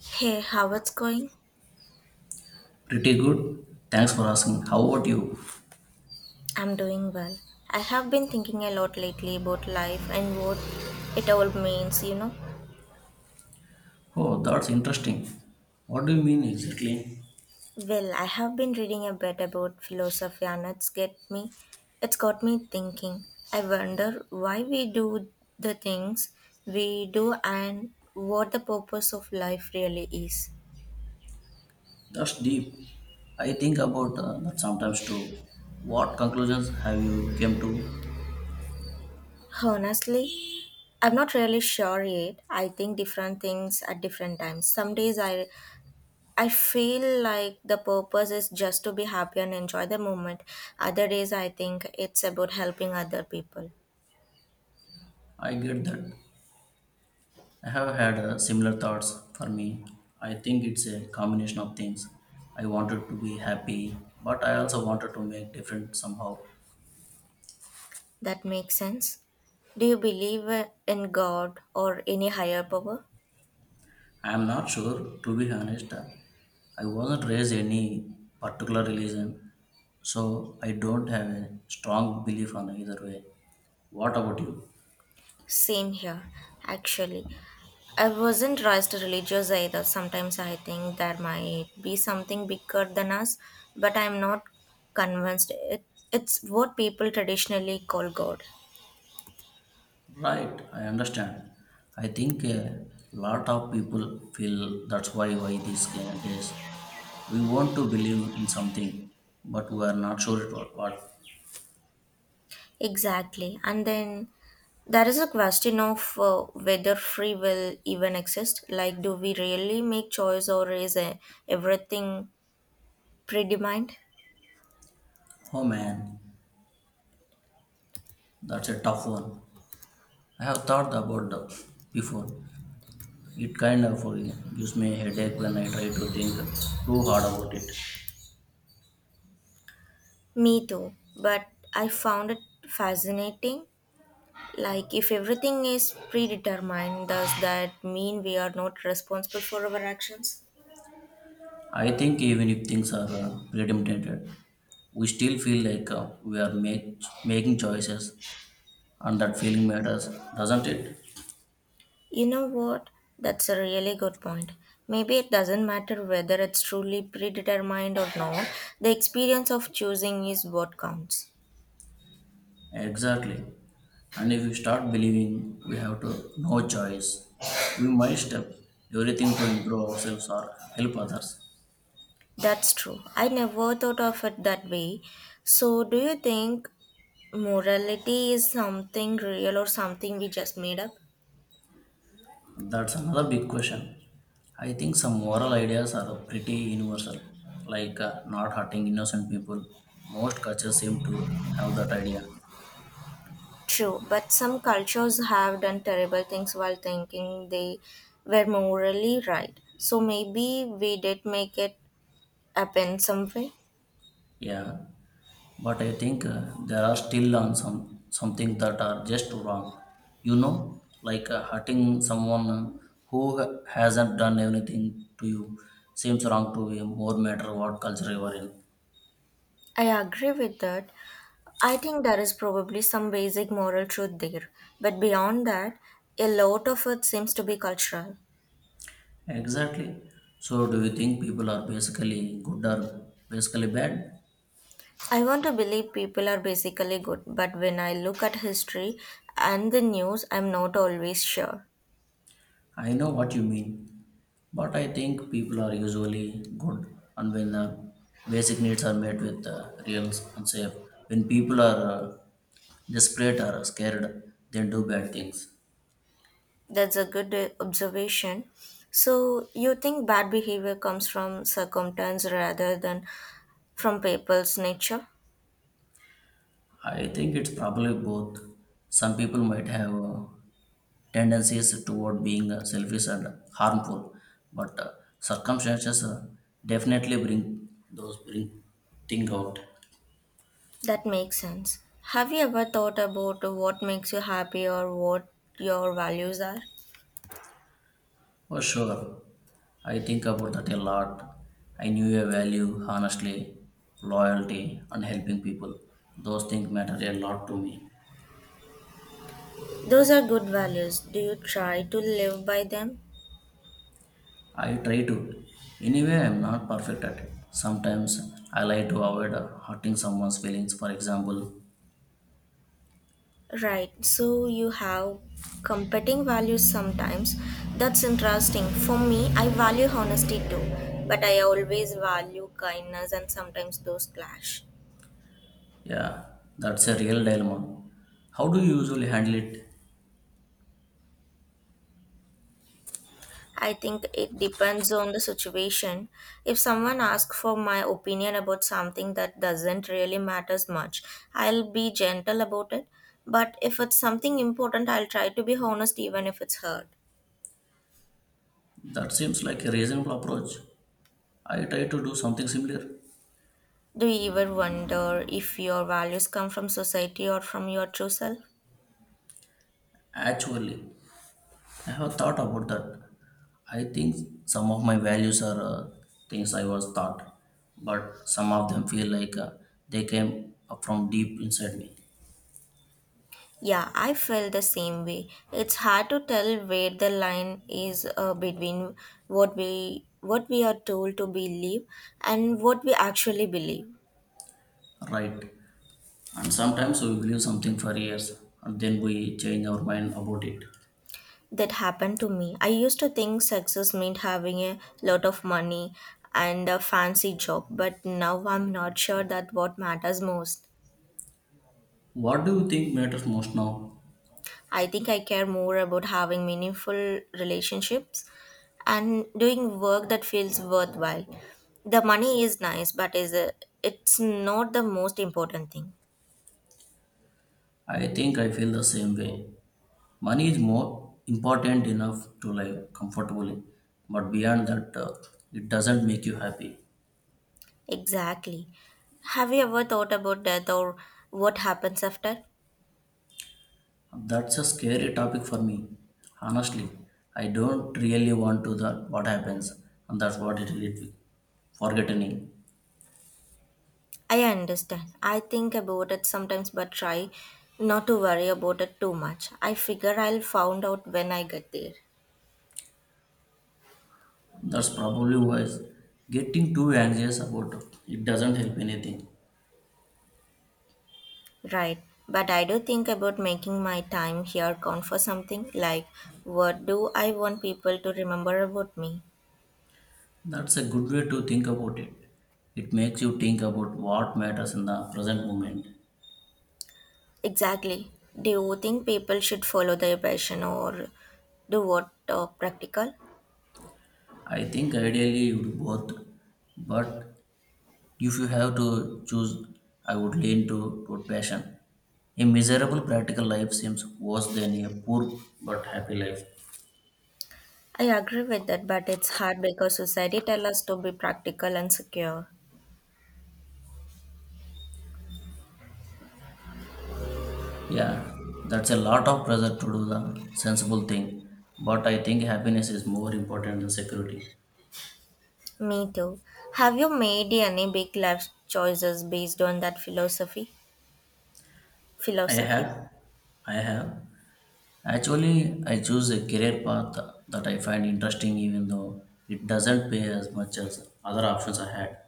Hey, how it's going? Pretty good. Thanks for asking. How about you? I'm doing well. I have been thinking a lot lately about life and what it all means, you know. Oh, that's interesting. What do you mean exactly? Well, I have been reading a bit about philosophy and it's got me thinking. I wonder why we do the things we do and what the purpose of life really is. That's deep. I think about that sometimes too. What conclusions have you came to? Honestly, I'm not really sure yet. I think different things at different times. Some days I feel like the purpose is just to be happy and enjoy the moment. Other days, I think it's about helping other people. I get that. I have had similar thoughts for me. I think it's a combination of things. I wanted to be happy, but I also wanted to make different somehow. That makes sense. Do you believe in God or any higher power? I'm not sure, to be honest. I wasn't raised any particular religion, so I don't have a strong belief on either way. What about you? Same here, actually. I wasn't raised religious either. Sometimes I think there might be something bigger than us, but I'm not convinced. It's what people traditionally call God. Right, I understand. I think a lot of people feel that's why these days we want to believe in something, but we are not sure it what. Exactly. And then there is a question of whether free will even exists. Like, do we really make choice or is everything predetermined? Oh man, that's a tough one. I have thought about that before. It kind of gives me a headache when I try to think too hard about it. Me too. But I found it fascinating. Like, if everything is predetermined, does that mean we are not responsible for our actions? I think even if things are premeditated, we still feel like we are making choices and that feeling matters, doesn't it? You know what? That's a really good point. Maybe it doesn't matter whether it's truly predetermined or not, the experience of choosing is what counts. Exactly. And if we start believing we have to no choice, we might step everything to improve ourselves or help others. That's true. I never thought of it that way. So, do you think morality is something real or something we just made up? That's another big question. I think some moral ideas are pretty universal, like not hurting innocent people. Most cultures seem to have that idea. True, but some cultures have done terrible things while thinking they were morally right. So, maybe we did make it up in some way. Yeah, but I think there are still on some something that are just wrong. You know, like hurting someone who hasn't done anything to you seems wrong to you, more matter what culture you are in. I agree with that. I think there is probably some basic moral truth there, but beyond that, a lot of it seems to be cultural. Exactly. So, do you think people are basically good or basically bad? I want to believe people are basically good, but when I look at history and the news, I'm not always sure. I know what you mean, but I think people are usually good and when the basic needs are met with real and safe. When people are desperate or scared, they do bad things. That's a good observation. So, you think bad behavior comes from circumstance rather than from people's nature? I think it's probably both. Some people might have tendencies toward being selfish and harmful, but circumstances definitely bring thing out. That makes sense. Have you ever thought about what makes you happy or what your values are? Oh, sure. I think about that a lot. I knew a value, honestly, loyalty, and helping people. Those things matter a lot to me. Those are good values. Do you try to live by them? I try to. Anyway, I'm not perfect at it. Sometimes I like to avoid hurting someone's feelings, for example. Right, so you have competing values sometimes. That's interesting. For me, I value honesty too, but I always value kindness and sometimes those clash. Yeah, that's a real dilemma. How do you usually handle it? I think it depends on the situation. If someone asks for my opinion about something that doesn't really matters much, I'll be gentle about it. But if it's something important, I'll try to be honest even if it's hard. That seems like a reasonable approach. I try to do something similar. Do you ever wonder if your values come from society or from your true self? Actually, I have thought about that. I think some of my values are things I was taught, but some of them feel like they came up from deep inside me. Yeah, I feel the same way. It's hard to tell where the line is between what we are told to believe and what we actually believe. Right. And sometimes we believe something for years and then we change our mind about it. That happened to me. I used to think success meant having a lot of money and a fancy job, but now I'm not sure that what matters most. What do you think matters most now? I think I care more about having meaningful relationships and doing work that feels worthwhile. The money is nice, but it's not the most important thing. I think I feel the same way. Money is more important enough to live comfortably, but beyond that, it doesn't make you happy. Exactly. Have you ever thought about death or what happens after? That's a scary topic for me. Honestly, I don't really want to that what happens, and that's what it will be. Forgetting. I understand. I think about it sometimes, but try not to worry about it too much. I figure I'll find out when I get there. That's probably why getting too anxious about it it doesn't help anything. Right, but I do think about making my time here count for something like what do I want people to remember about me? That's a good way to think about it. It makes you think about what matters in the present moment. Exactly. Do you think people should follow their passion or do what practical? I think ideally you do both, but if you have to choose, I would toward passion. A miserable practical life seems worse than a poor but happy life. I agree with that, but it's hard because society tells us to be practical and secure. Yeah, that's a lot of pressure to do the sensible thing, but I think happiness is more important than security. Me too. Have you made any big life choices based on that philosophy? I Philosophy. have, I have. Actually, I choose a career path that I find interesting even though it doesn't pay as much as other options I had.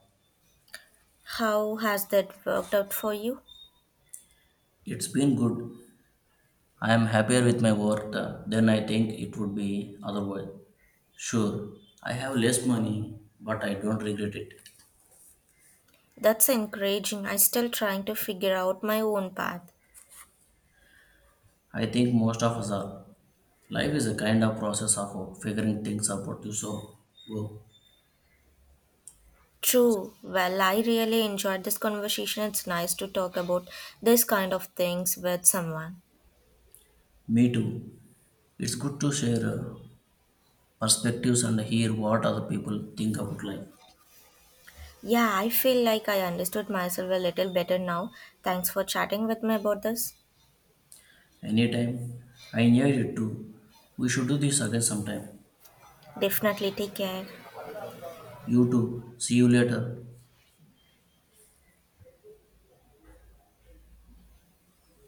How has that worked out for you? It's been good. I am happier with my work than I think it would be otherwise. Sure, I have less money, but I don't regret it. That's encouraging. I'm still trying to figure out my own path. I think most of us are. Life is a kind of process of figuring things out. You go. True. Well, I really enjoyed this conversation. It's nice to talk about this kind of things with someone. Me too. It's good to share perspectives and hear what other people think about life. Yeah, I feel like I understood myself a little better now. Thanks for chatting with me about this. Anytime. I enjoyed it too. We should do this again sometime. Definitely take care. You too. See you later.